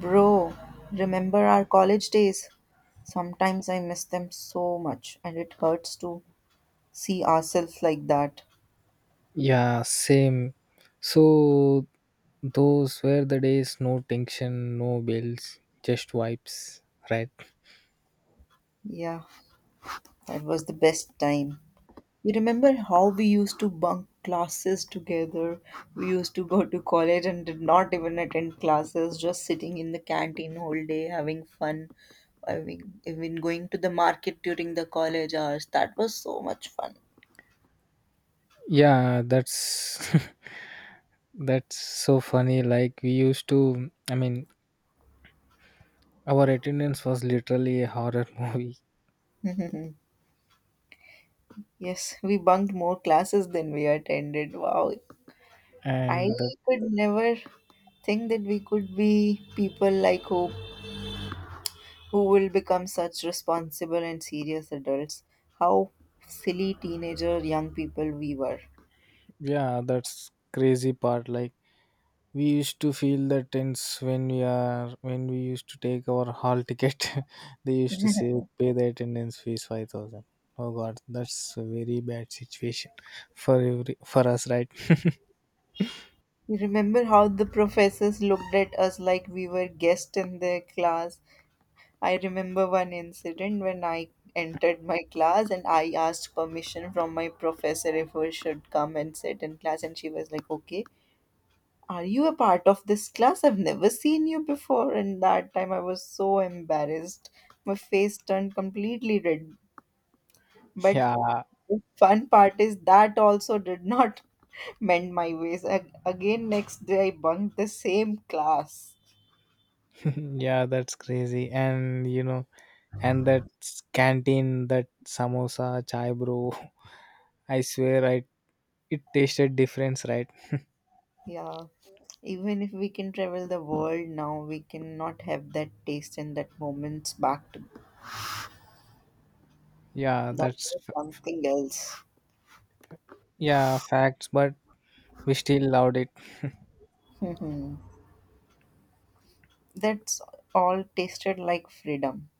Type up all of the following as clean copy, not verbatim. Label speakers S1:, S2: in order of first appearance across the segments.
S1: Bro, remember our college days? Sometimes I miss them so much, and it hurts to see ourselves like that.
S2: Yeah, same. So those were the days, no tension, no bills, just vibes, right?
S1: Yeah, that was the best time. You remember how we used to bunk classes together? We used to go to college and did not even attend classes, just sitting in the canteen whole day, having fun. I mean, even going to the market during the college hours. That was so much fun.
S2: Yeah, that's that's so funny. Like we used to, I mean, our attendance was literally a horror movie,
S1: Yes, we bunked more classes than we attended. Wow, I
S2: and that
S1: could never think that we could be people like Hope who will become such responsible and serious adults. How silly teenager young people we were.
S2: yeah, that's crazy part. Like we used to feel the tense when we are when we used to take our hall ticket they used to say pay the attendance fees 5000. Oh god, that's a very bad situation for every for us, right?
S1: You remember how the professors looked at us like we were guests in their class? I remember one incident when I entered my class and I asked permission from my professor if I should come and sit in class, and she was like, okay. Are you a part of this class? I've never seen you before. And that time I was so embarrassed. My face turned completely red. But
S2: Yeah.
S1: fun part is that also did not mend my ways. Again, next day I bunked the same class.
S2: Yeah, that's crazy. And you know and that canteen, that samosa chai bro, I swear I it tasted difference, right?
S1: Yeah. Even if we can travel the world now, we cannot have that taste and that moments back to
S2: Yeah,
S1: that
S2: that's
S1: was
S2: f-
S1: something else.
S2: yeah, facts, but we still loved it.
S1: That's all tasted like freedom.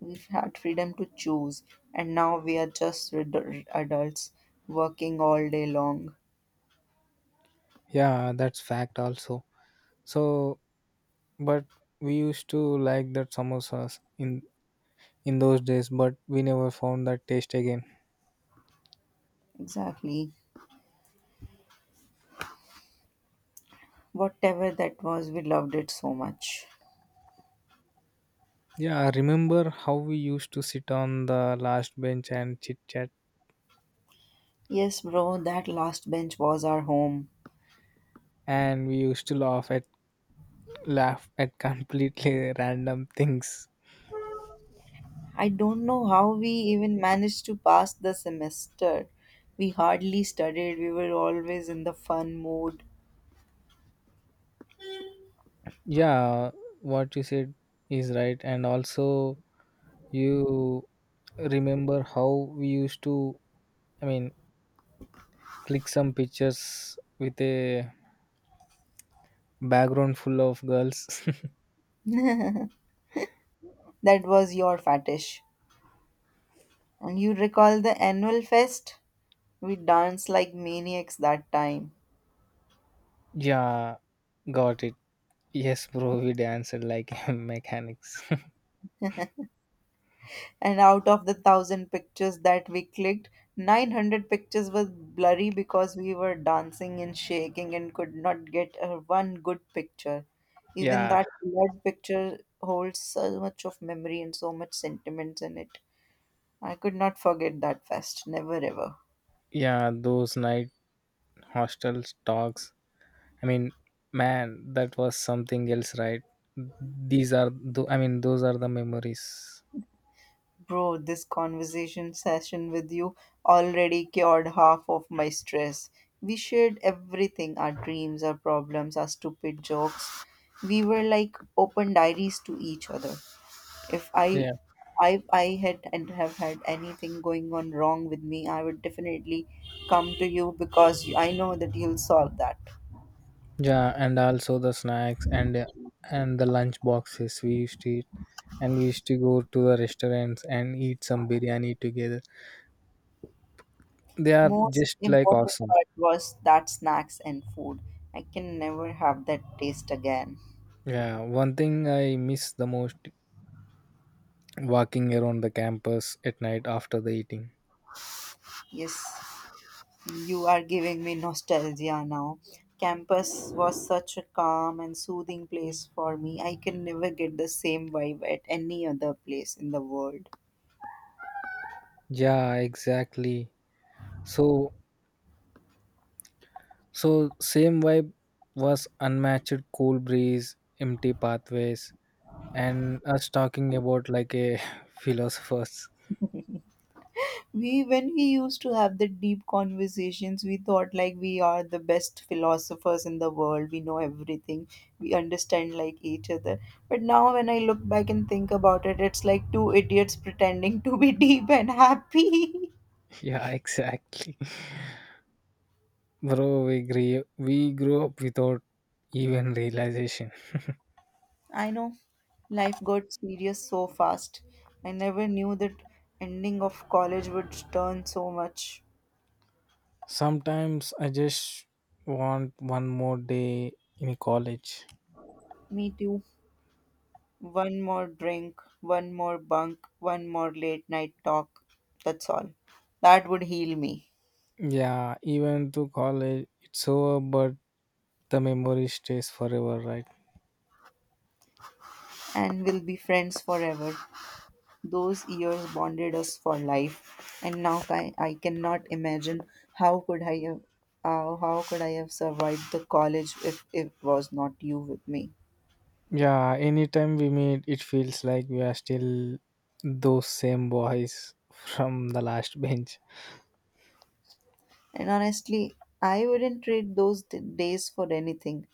S1: We've had freedom to choose, and now we are just adults working all day long.
S2: Yeah, that's fact also. So but we used to like that samosas in those days, but we never found that taste again.
S1: Exactly. Whatever that was, we loved it so much.
S2: Yeah, I remember how we used to sit on the last bench and chit chat,
S1: Yes, bro, that last bench was our home.
S2: and we used to laugh at completely random things.
S1: I don't know how we even managed to pass the semester. We hardly studied, we were always in the fun mood.
S2: Yeah, what you said is right, and also you remember how we used to, I mean, click some pictures with a background full of girls.
S1: That was your fetish. And you recall the annual fest? We danced like maniacs that time.
S2: Yeah, got it. Yes, bro, we danced like mechanics.
S1: And out of the thousand pictures that we clicked, 900 pictures were blurry because we were dancing and shaking and could not get a one good picture. Even
S2: Yeah,
S1: that blurred picture holds so much of memory and so much sentiments in it. I could not forget that fest, never ever.
S2: yeah, those night hostel talks. I mean, man, that was something else, right? I mean, those are the memories.
S1: Bro, this conversation session with you already cured half of my stress. We shared everything our dreams, our problems, our stupid jokes. We were like open diaries to each other. If I
S2: Yeah,
S1: I, I had and have had anything going on wrong with me, I would definitely come to you because I know that you'll solve that.
S2: yeah, and also the snacks and the lunch boxes we used to eat, and we used to go to the restaurants and eat some biryani together. They are
S1: Most
S2: just like
S1: important
S2: awesome.
S1: part was that snacks and food. I can never have that taste again.
S2: Yeah, one thing I miss the most, walking around the campus at night after the eating.
S1: Yes. You are giving me nostalgia now. Campus was such a calm and soothing place for me. I can never get the same vibe at any other place in the world.
S2: Yeah, exactly. So, so same vibe was unmatched cool breeze, empty pathways, and us talking about like a philosophers.
S1: We when we used to have the deep conversations, we thought like we are the best philosophers in the world. We know everything. We understand like each other. But now when I look back and think about it, it's like two idiots pretending to be deep and happy.
S2: Yeah, exactly. Bro, we grew up without even realization.
S1: I know life got serious so fast. I never knew that ending of college would turn so much.
S2: Sometimes I just want one more day in college.
S1: Me too. One more drink, one more bunk, one more late night talk. That's all. That would heal me.
S2: Yeah, even to college, it's over, but the memory stays forever, right?
S1: And we'll be friends forever. Those years bonded us for life. And now I cannot imagine how could I have how could I have survived the college if it was not you with me.
S2: Yeah, anytime we meet, it feels like we are still those same boys from the last bench.
S1: And honestly, I wouldn't trade those days for anything.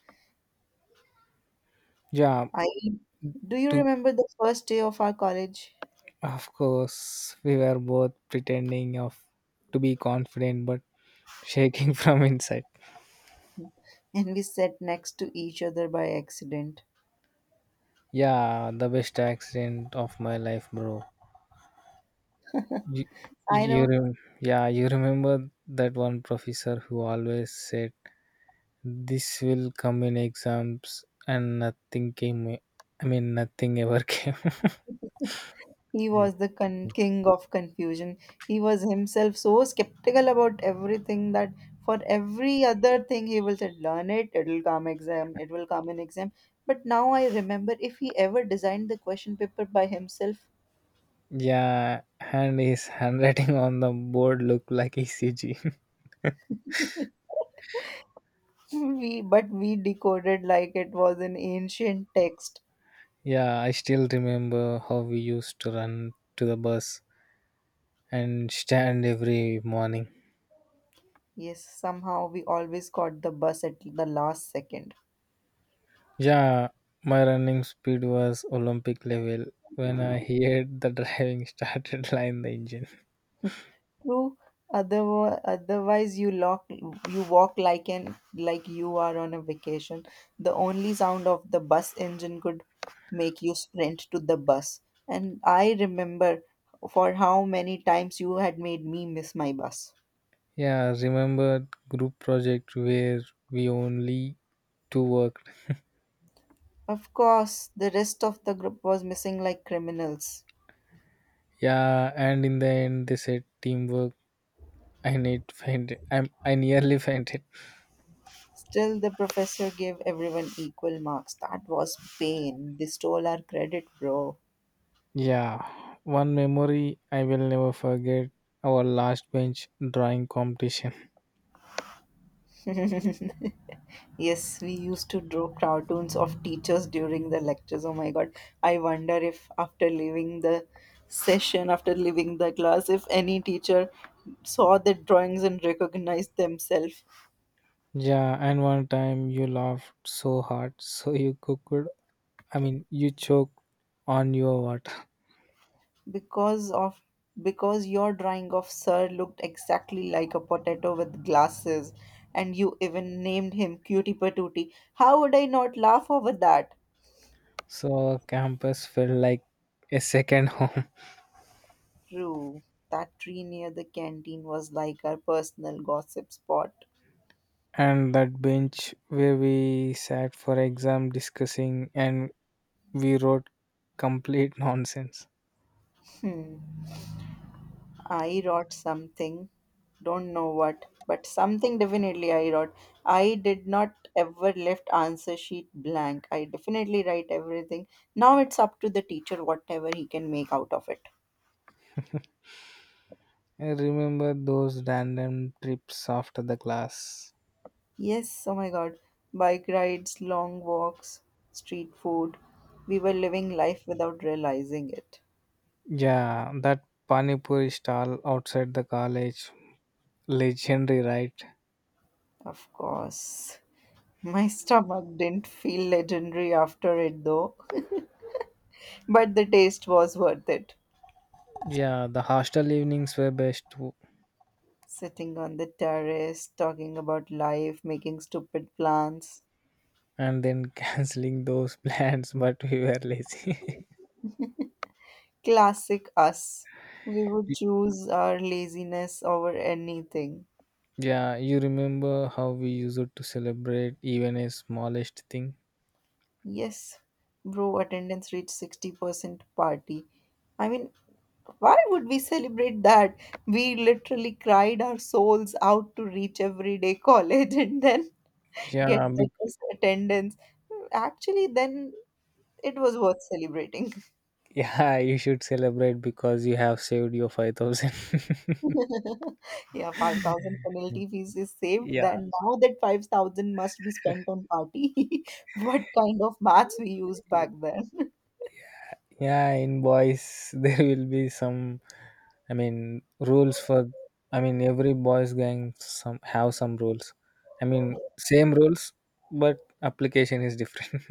S2: Yeah,
S1: I Do you
S2: to
S1: remember the first day of our college?
S2: of course we were both pretending of to be confident but shaking from inside.
S1: And we sat next to each other by accident.
S2: Yeah, the best accident of my life, bro. You,
S1: I know
S2: yeah, you remember that one professor who always said this will come in exams and nothing came. I mean, nothing ever came.
S1: he was the king of confusion. He was himself so skeptical about everything that for every other thing he will say, learn it, it'll come exam, it will come in exam. But now I remember if he ever designed the question paper by himself,
S2: Yeah, and his handwriting on the board looked like ECG.
S1: we but we decoded like it was an ancient text.
S2: Yeah, I still remember how we used to run to the bus and stand every morning.
S1: Yes, somehow we always caught the bus at the last second.
S2: Yeah, my running speed was Olympic level. When I heard the driving started line the engine.
S1: True, otherwise you walk like an like you are on a vacation. The only sound of the bus engine could make you sprint to the bus, and I remember for how many times you had made me miss my bus.
S2: Yeah, remember group project where we only two worked.
S1: Of course the rest of the group was missing like criminals.
S2: Yeah, and in the end they said teamwork. I need faint. I nearly fainted.
S1: Still, the professor gave everyone equal marks. That was pain. They stole our credit, bro.
S2: Yeah, one memory I will never forget, our last bench drawing competition.
S1: Yes, we used to draw cartoons of teachers during the lectures. Oh my god. I wonder if after leaving the class, if any teacher saw the drawings and recognized themselves.
S2: Yeah, and one time you laughed so hard, I mean, you choked on your water.
S1: Because of because your drawing of sir looked exactly like a potato with glasses and you even named him cutie patootie. How would I not laugh over that?
S2: So campus felt like a second home.
S1: True, that tree near the canteen was like our personal gossip spot.
S2: And that bench where we sat for exam discussing and we wrote complete nonsense.
S1: Hmm, I wrote something, don't know what, but something definitely I wrote. I did not ever left answer sheet blank, I definitely write everything. Now it's up to the teacher whatever he can make out of it.
S2: I remember those random trips after the class.
S1: Yes, oh my god. Bike rides, long walks, street food. We were living life without realizing it.
S2: Yeah, that Panipuri stall outside the college, legendary, right?
S1: Of course. My stomach didn't feel legendary after it though, but the taste was worth it.
S2: Yeah, the hostel evenings were best too.
S1: Sitting on the terrace, talking about life, making stupid plans.
S2: And then canceling those plans, but we were lazy.
S1: Classic us. We would choose our laziness over anything.
S2: Yeah, you remember how we used to celebrate even a smallest thing?
S1: Yes, bro, attendance reached 60% party. I mean, why would we celebrate that? We literally cried our souls out to reach everyday college and then get
S2: Yeah, be-
S1: the best attendance. Actually, then it was worth celebrating.
S2: yeah, you should celebrate because you have saved your 5000.
S1: Yeah, 5,000 penalty fees is saved.
S2: Yeah,
S1: Then now that 5,000 must be spent on party. What kind of maths we used back then?
S2: yeah in boys there will be some rules for, I mean, every boys gang some have some rules, I mean same rules, but application is different.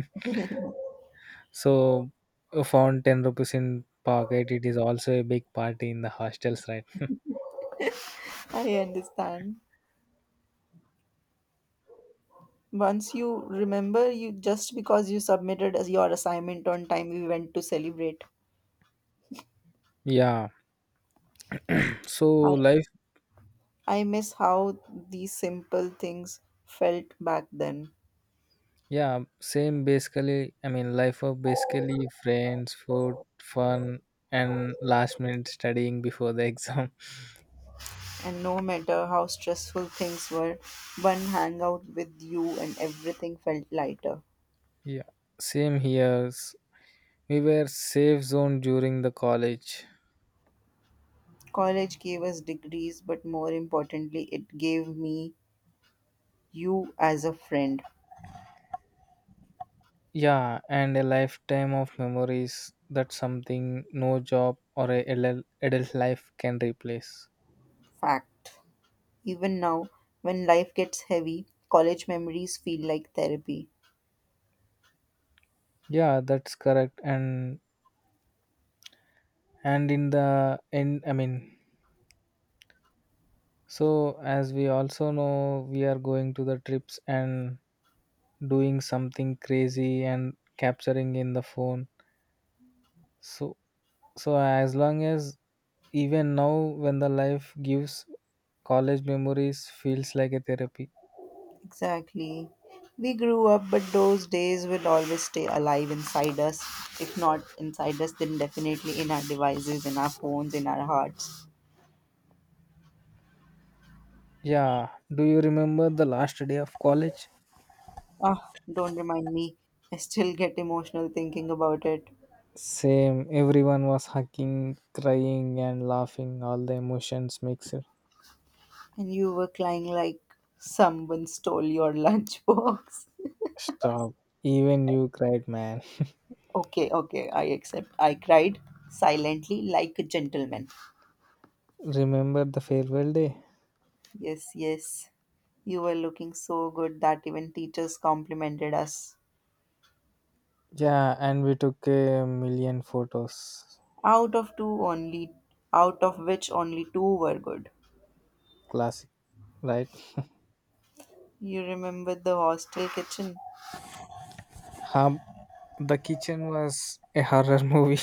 S2: So you found 10 rupees in pocket, it is also a big party in the hostels, right?
S1: I understand. Once you remember, you just because you submitted as your assignment on time, we went to celebrate.
S2: Yeah, so
S1: I
S2: life
S1: I miss how these simple things felt back then.
S2: yeah, same basically. I mean life of basically friends, food, fun, and last minute studying before the exam.
S1: And no matter how stressful things were, one hangout with you and everything felt lighter.
S2: Yeah, same here. We were safe zone during the college.
S1: College gave us degrees, but more importantly, it gave me you as a friend.
S2: Yeah, and a lifetime of memories. That's something no job or a LL adult life can replace.
S1: Fact. Even now, when life gets heavy, college memories feel like therapy.
S2: Yeah, that's correct. And in the end, I mean, so as we also know, we are going to the trips and doing something crazy and capturing in the phone. So so as long as even now, when the life gives college memories, feels like a therapy.
S1: Exactly. We grew up, but those days will always stay alive inside us. If not inside us, then definitely in our devices, in our phones, in our hearts.
S2: Yeah, do you remember the last day of college?
S1: Ah, don't remind me. I still get emotional thinking about it.
S2: Same, everyone was hugging, crying, and laughing. All the emotions mixed.
S1: And you were crying like someone stole your lunchbox.
S2: Stop. Even you cried, man.
S1: Okay, okay, I accept. I cried silently like a gentleman.
S2: Remember the farewell day?
S1: Yes, yes. You were looking so good that even teachers complimented us.
S2: Yeah, and we took a million photos.
S1: Out of two only Out of which only two were good.
S2: Classic, right?
S1: You remember the hostel kitchen?
S2: Hum, the kitchen was a horror movie.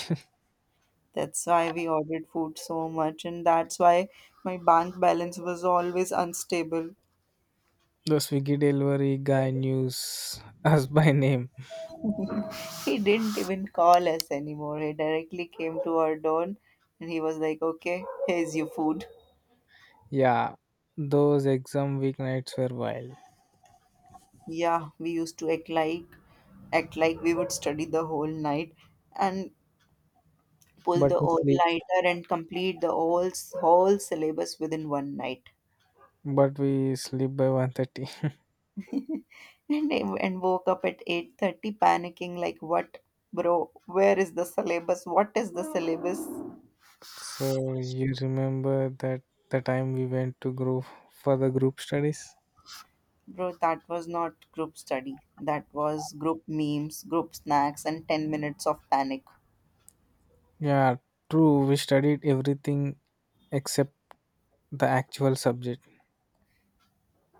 S1: That's why we ordered food so much and that's why my bank balance was always unstable.
S2: The Swiggy delivery guy knew us by name.
S1: He didn't even call us anymore. He directly came to our door and he was like, okay, here's your food.
S2: Yeah, those exam weeknights were wild,
S1: Yeah, we used to act like we would study the whole night and pull
S2: but
S1: the
S2: we
S1: old
S2: sleep.
S1: lighter and complete the whole syllabus within one night.
S2: But we sleep by 1:30.
S1: And woke up at 8:30 panicking like, what? Bro, where is the syllabus? What is the syllabus?
S2: So you remember that the time we went to group for the group studies?
S1: Bro, that was not group study. That was group memes, group snacks, and 10 minutes of panic.
S2: Yeah, true. We studied everything except the actual subject.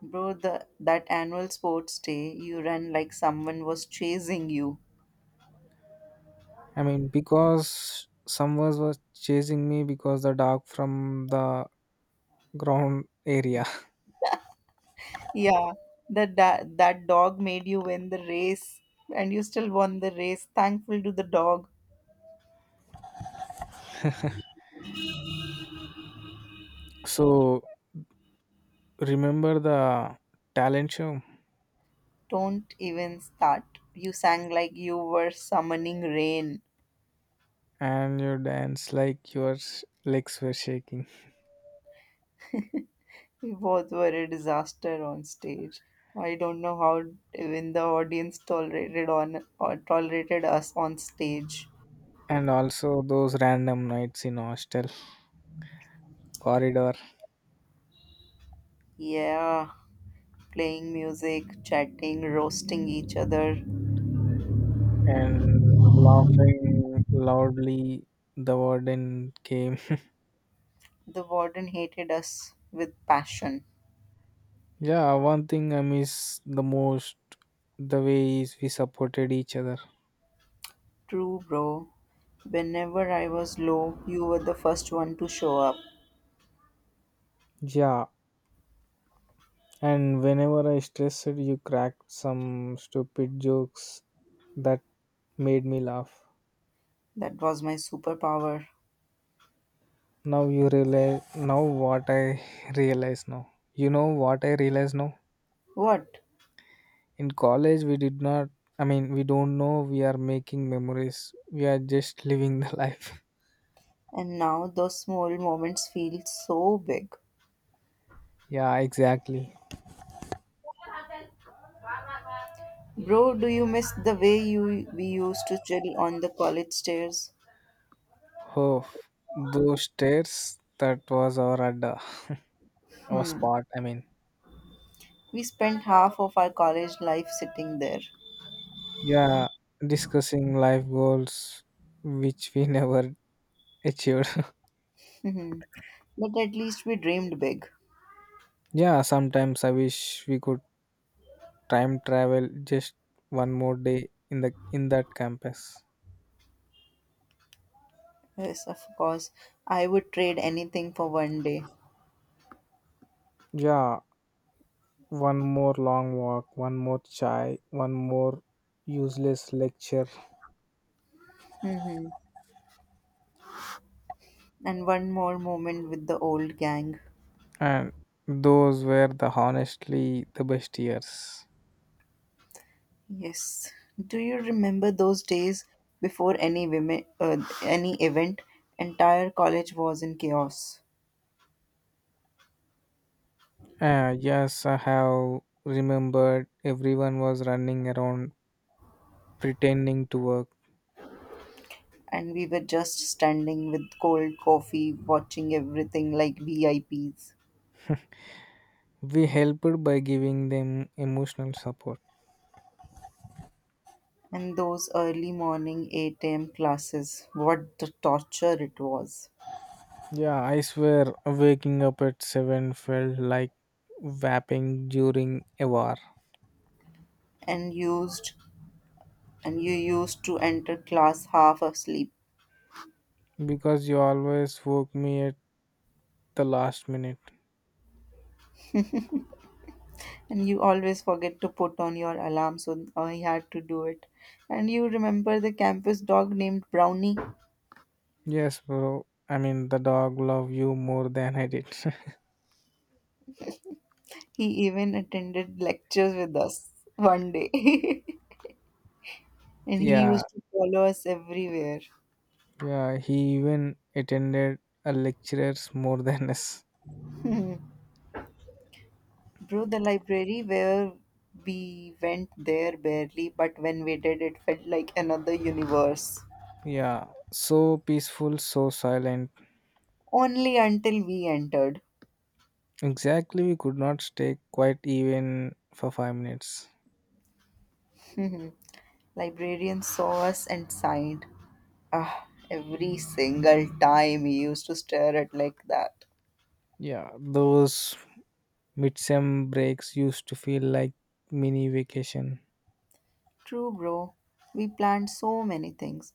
S1: Bro, that annual sports day, you ran like someone was chasing you.
S2: I mean, because someone was chasing me because the dog from the ground area.
S1: Yeah, that dog made you win the race, and you still won the race. Thankful to the dog.
S2: So remember the talent show,
S1: Don't even start. You sang like you were summoning rain.
S2: and you dance like your s- legs were shaking.
S1: We both were a disaster on stage. I don't know how even the audience tolerated us on stage.
S2: And also those random nights in hostel corridor
S1: Yeah, playing music, chatting, roasting each other.
S2: and laughing loudly, the warden came.
S1: The warden hated us with passion.
S2: Yeah, one thing I miss the most, the way is we supported each other.
S1: True, bro. Whenever I was low, you were the first one to show up.
S2: Yeah, and whenever I stressed, you cracked some stupid jokes that made me laugh.
S1: That was my superpower.
S2: Now you realize now what I realize now You know what I realize now,
S1: What?
S2: in college we did not, I mean, we don't know we are making memories, we are just living the life.
S1: And now those small moments feel so big.
S2: Yeah, exactly.
S1: Bro, do you miss the way you we used to chill on the college stairs?
S2: Oh, those stairs, that was our adda, our
S1: Hmm.
S2: spot. I mean,
S1: We spent half of our college life sitting there.
S2: yeah, discussing life goals which we never achieved.
S1: Hmm, but at least we dreamed big.
S2: Yeah, sometimes I wish we could time travel just one more day in the in that campus.
S1: Yes, of course. I would trade anything for one day.
S2: Yeah, one more long walk, one more chai, one more useless lecture,
S1: Hmm, and one more moment with the old gang.
S2: and those were the honestly the best years.
S1: Yes. Do you remember those days before any women, any event? Entire college was in chaos.
S2: Yes, I have remembered everyone was running around pretending to work.
S1: And we were just standing with cold coffee, watching everything like VIPs.
S2: We helped by giving them emotional support.
S1: And those early morning 8 a.m. classes, what the torture it was.
S2: Yeah, I swear waking up at 7 felt like vaping during a war
S1: And used and you used to enter class half asleep.
S2: because you always woke me at the last minute.
S1: And you always forget to put on your alarm, so I had to do it. And you remember the campus dog named Brownie?
S2: Yes, bro. I mean, the dog loved you more than I did.
S1: He even attended lectures with us one day. And he
S2: Yeah,
S1: used to follow us everywhere.
S2: yeah, he even attended a lectures more than us.
S1: Bro, the library where we went there barely, but when we did, it felt like another universe.
S2: Yeah, so peaceful, so silent.
S1: Only until we entered.
S2: Exactly, we could not stay quiet even for 5 minutes.
S1: Librarian saw us and sighed. Ah, every single time he used to stare at like that.
S2: Yeah, those midsem breaks used to feel like mini vacation.
S1: True, bro. We planned so many things.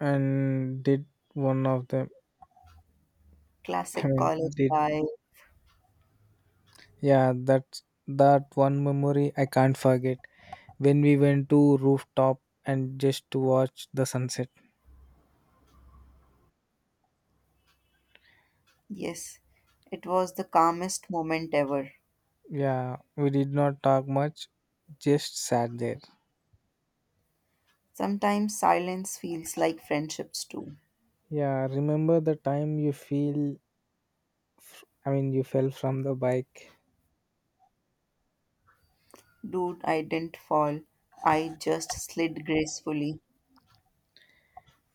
S2: And did one of them? I
S1: Classic
S2: mean,
S1: college
S2: did
S1: life.
S2: yeah, that that one memory I can't forget when we went to rooftop and just to watch the sunset.
S1: Yes, it was the calmest moment ever.
S2: Yeah, we did not talk much, just sat there.
S1: Sometimes silence feels like friendships too.
S2: Yeah, remember the time you feel I mean, you fell from the bike,
S1: Dude, I didn't fall. I just slid gracefully.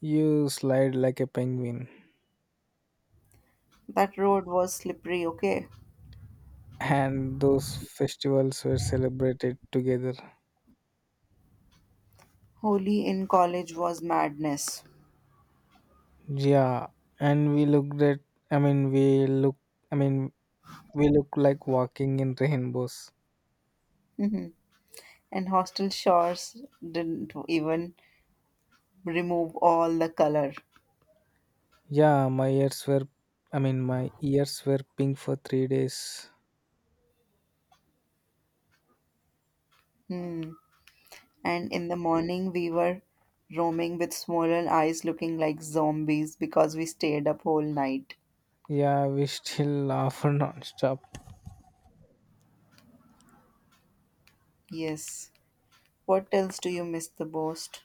S2: you slide like a penguin,
S1: That road was slippery, okay?
S2: and those festivals were celebrated together.
S1: Holy in college was madness.
S2: Yeah, and I mean, I mean, we look like walking in rainbows.
S1: Mhm, and hostel showers didn't even remove all the color.
S2: Yeah, I mean, my ears were pink for 3 days.
S1: Hmm. And in the morning, we were roaming with swollen eyes looking like zombies because we stayed up whole night.
S2: Yeah, we still laugh nonstop.
S1: Yes. What else do you miss the most?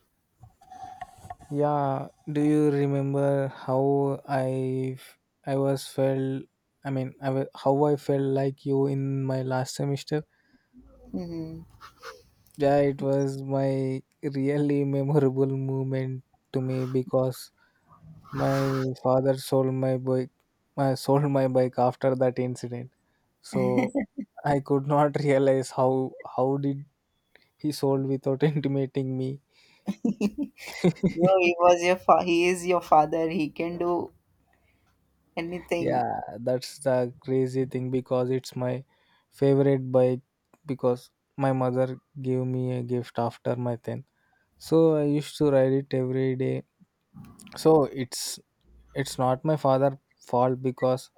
S2: Yeah, do you remember how I was felt I mean how I felt like you in my last semester?
S1: Hmm.
S2: Yeah, it was my really memorable moment to me because my father sold my bike I sold my bike after that incident. So I could not realize how did he sold without intimating me.
S1: Bro, he was your he is your father. He can do anything.
S2: Yeah, that's the crazy thing because it's my favorite bike because my mother gave me a gift after my 10. So I used to ride it every day. So it's not my father fault because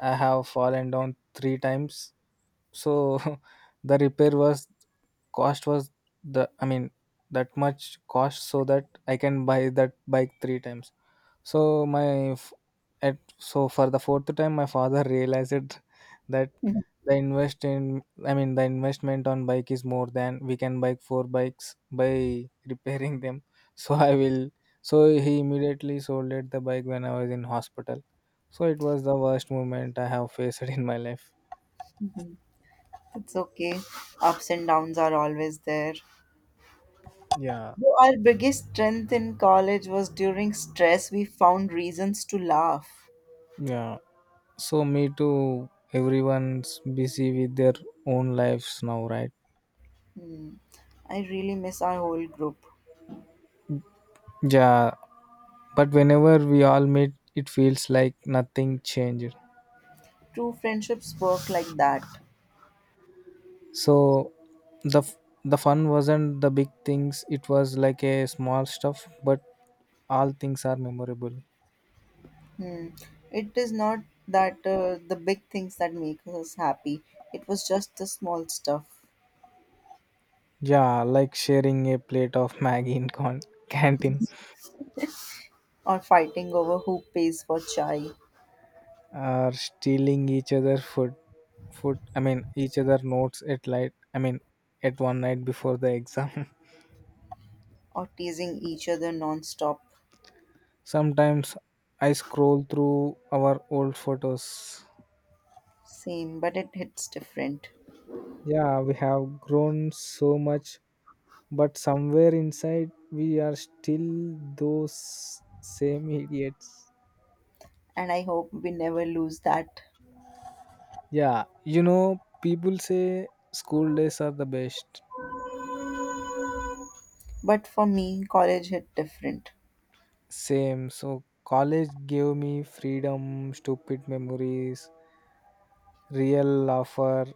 S2: I have fallen down 3 times. So the repair was cost was the I mean that much cost so that I can buy that bike 3 times. So my f- at so for the 4th time, my father realized that the invest in I mean the investment on bike is more than we can buy 4 bikes by repairing them. So I will. So he immediately sold it the bike when I was in hospital. So it was the worst moment I have faced in my life.
S1: It's okay. Ups and downs are always there.
S2: Yeah,
S1: So our biggest strength in college was during stress, we found reasons to laugh.
S2: yeah. So me too. Everyone's busy with their own lives now, right?
S1: Hmm. I really miss our whole group.
S2: Yeah, but whenever we all meet it feels like nothing changed.
S1: True friendships work like that.
S2: So the f- the fun wasn't the big things, it was like a small stuff, but all things are memorable.
S1: Hmm. It is not that the big things that make us happy, it was just the small stuff,
S2: Yeah, like sharing a plate of maggie in con- canteen,
S1: or fighting over who pays for chai,
S2: or stealing each other food I mean each other notes at light, I mean at one night before the exam.
S1: or teasing each other non stop.
S2: Sometimes I scroll through our old photos.
S1: Same, but it hits different.
S2: Yeah, we have grown so much, but somewhere inside we are still those same idiots.
S1: And I hope we never lose that.
S2: Yeah, you know people say school days are the best.
S1: But for me, college hit different.
S2: Same, so college gave me freedom, stupid memories, real laughter,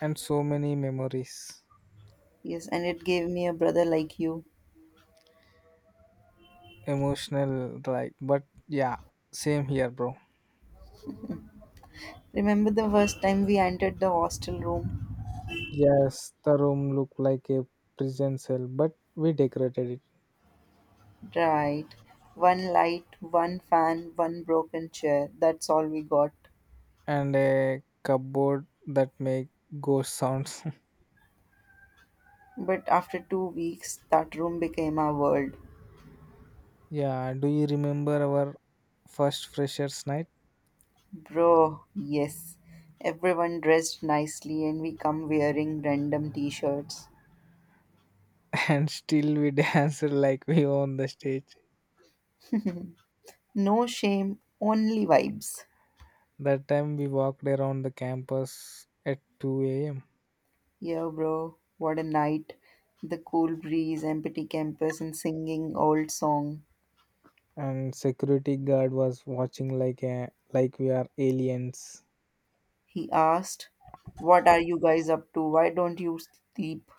S2: and so many memories.
S1: Yes, and it gave me a brother like you.
S2: Emotional, right? But yeah, same here, bro.
S1: Remember the first time we entered the hostel room?
S2: Yes, the room looked like a prison cell but we decorated it,
S1: Right. One light, one fan, one broken chair. That's all we got.
S2: and a cupboard that make ghost sounds.
S1: But after 2 weeks, that room became our world.
S2: Yeah, do you remember our first freshers night?
S1: Bro, yes. Everyone dressed nicely and we come wearing random t shirts.
S2: And still we danced like we own the stage.
S1: No shame, only vibes.
S2: That time we walked around the campus at 2 a.m.
S1: Yeah, bro, what a night. The cool breeze, empty campus, and singing old song.
S2: and security guard was watching like a, like we are aliens.
S1: He asked, what are you guys up to? Why don't you sleep?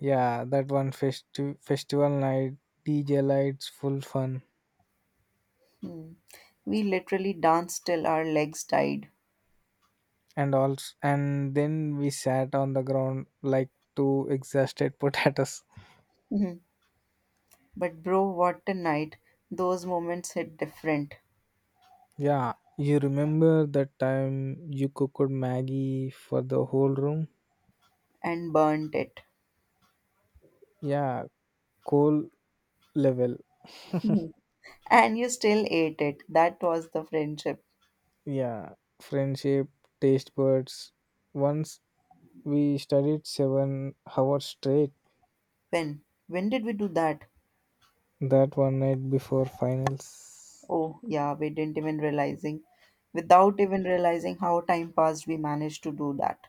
S2: Yeah, that one festi- festival night, DJ lights, full fun,
S1: Hmm. We literally danced till our legs died.
S2: and also and then we sat on the ground like two exhausted potatoes.
S1: Mhm. But, bro, what a night. Those moments hit different
S2: Yeah, you remember that time you cooked Maggie for the whole room?
S1: and burnt it.
S2: Yeah, coal level.
S1: Mhm. And you still ate it. That was the friendship.
S2: Yeah, friendship, taste buds. Once we studied 7 hours straight
S1: When? When did we do that?
S2: that one night before finals
S1: Oh, yeah, we didn't even realizing. Without even realizing how time passed, we managed to do that.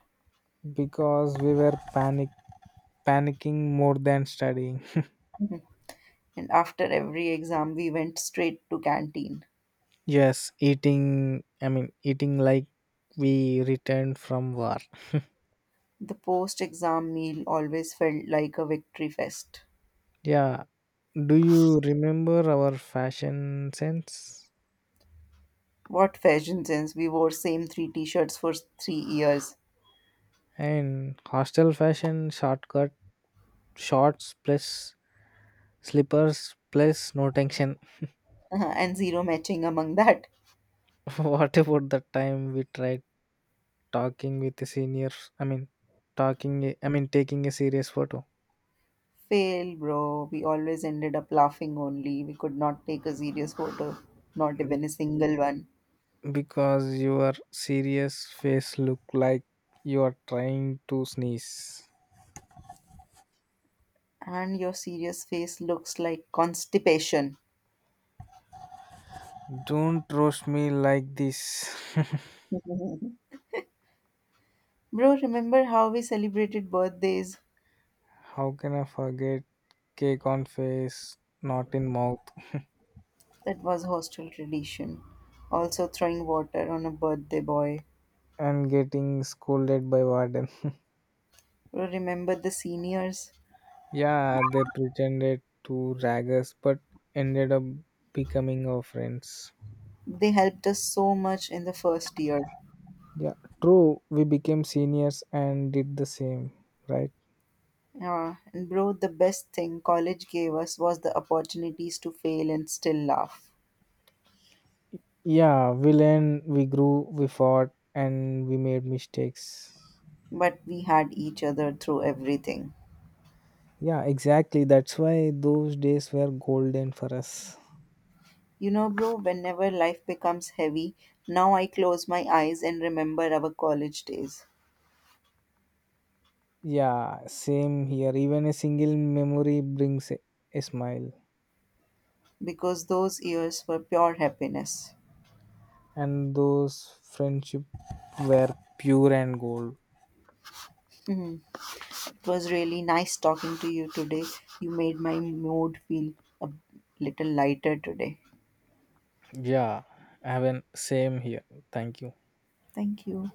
S2: because we were panicking more than studying.
S1: And after every exam, we went straight to canteen.
S2: Yes, eating. I mean, eating like we returned from war.
S1: The post-exam meal always felt like a victory fest.
S2: Yeah. Do you remember our fashion sense
S1: What fashion sense! We wore same three t-shirts for 3 years,
S2: and hostel fashion shortcut shorts plus slippers plus no tension?
S1: and zero matching among that.
S2: What about the time we tried talking with the seniors? I mean, I mean, taking a serious photo
S1: Fail, bro. We always ended up laughing only. We could not take a serious photo, not even a single one.
S2: because your serious face look like you are trying to sneeze.
S1: And your serious face looks like constipation.
S2: Don't roast me like this.
S1: Bro, remember how we celebrated birthdays?
S2: How can I forget? Cake on face, not in mouth,
S1: That was hostel tradition. Also throwing water on a birthday boy.
S2: and getting scolded by warden.
S1: Bro, remember the seniors?
S2: Yeah, they pretended to rag us, but ended up becoming our friends.
S1: They helped us so much in the first year.
S2: Yeah, true. We became seniors and did the same, right?
S1: Yeah, and bro, the best thing college gave us was the opportunities to fail and still laugh.
S2: Yeah, we learned, we grew, we fought, and we made mistakes.
S1: But we had each other through everything.
S2: Yeah, exactly. That's why those days were golden for us.
S1: You know, bro, whenever life becomes heavy, now I close my eyes and remember our college days.
S2: Yeah, same here. Even a single memory brings a smile.
S1: Because those years were pure happiness.
S2: And those friendship were pure and gold.
S1: Mhm. It was really nice talking to you today. You made my mood feel a little lighter today.
S2: Yeah, I have an same here, thank you.
S1: Thank you.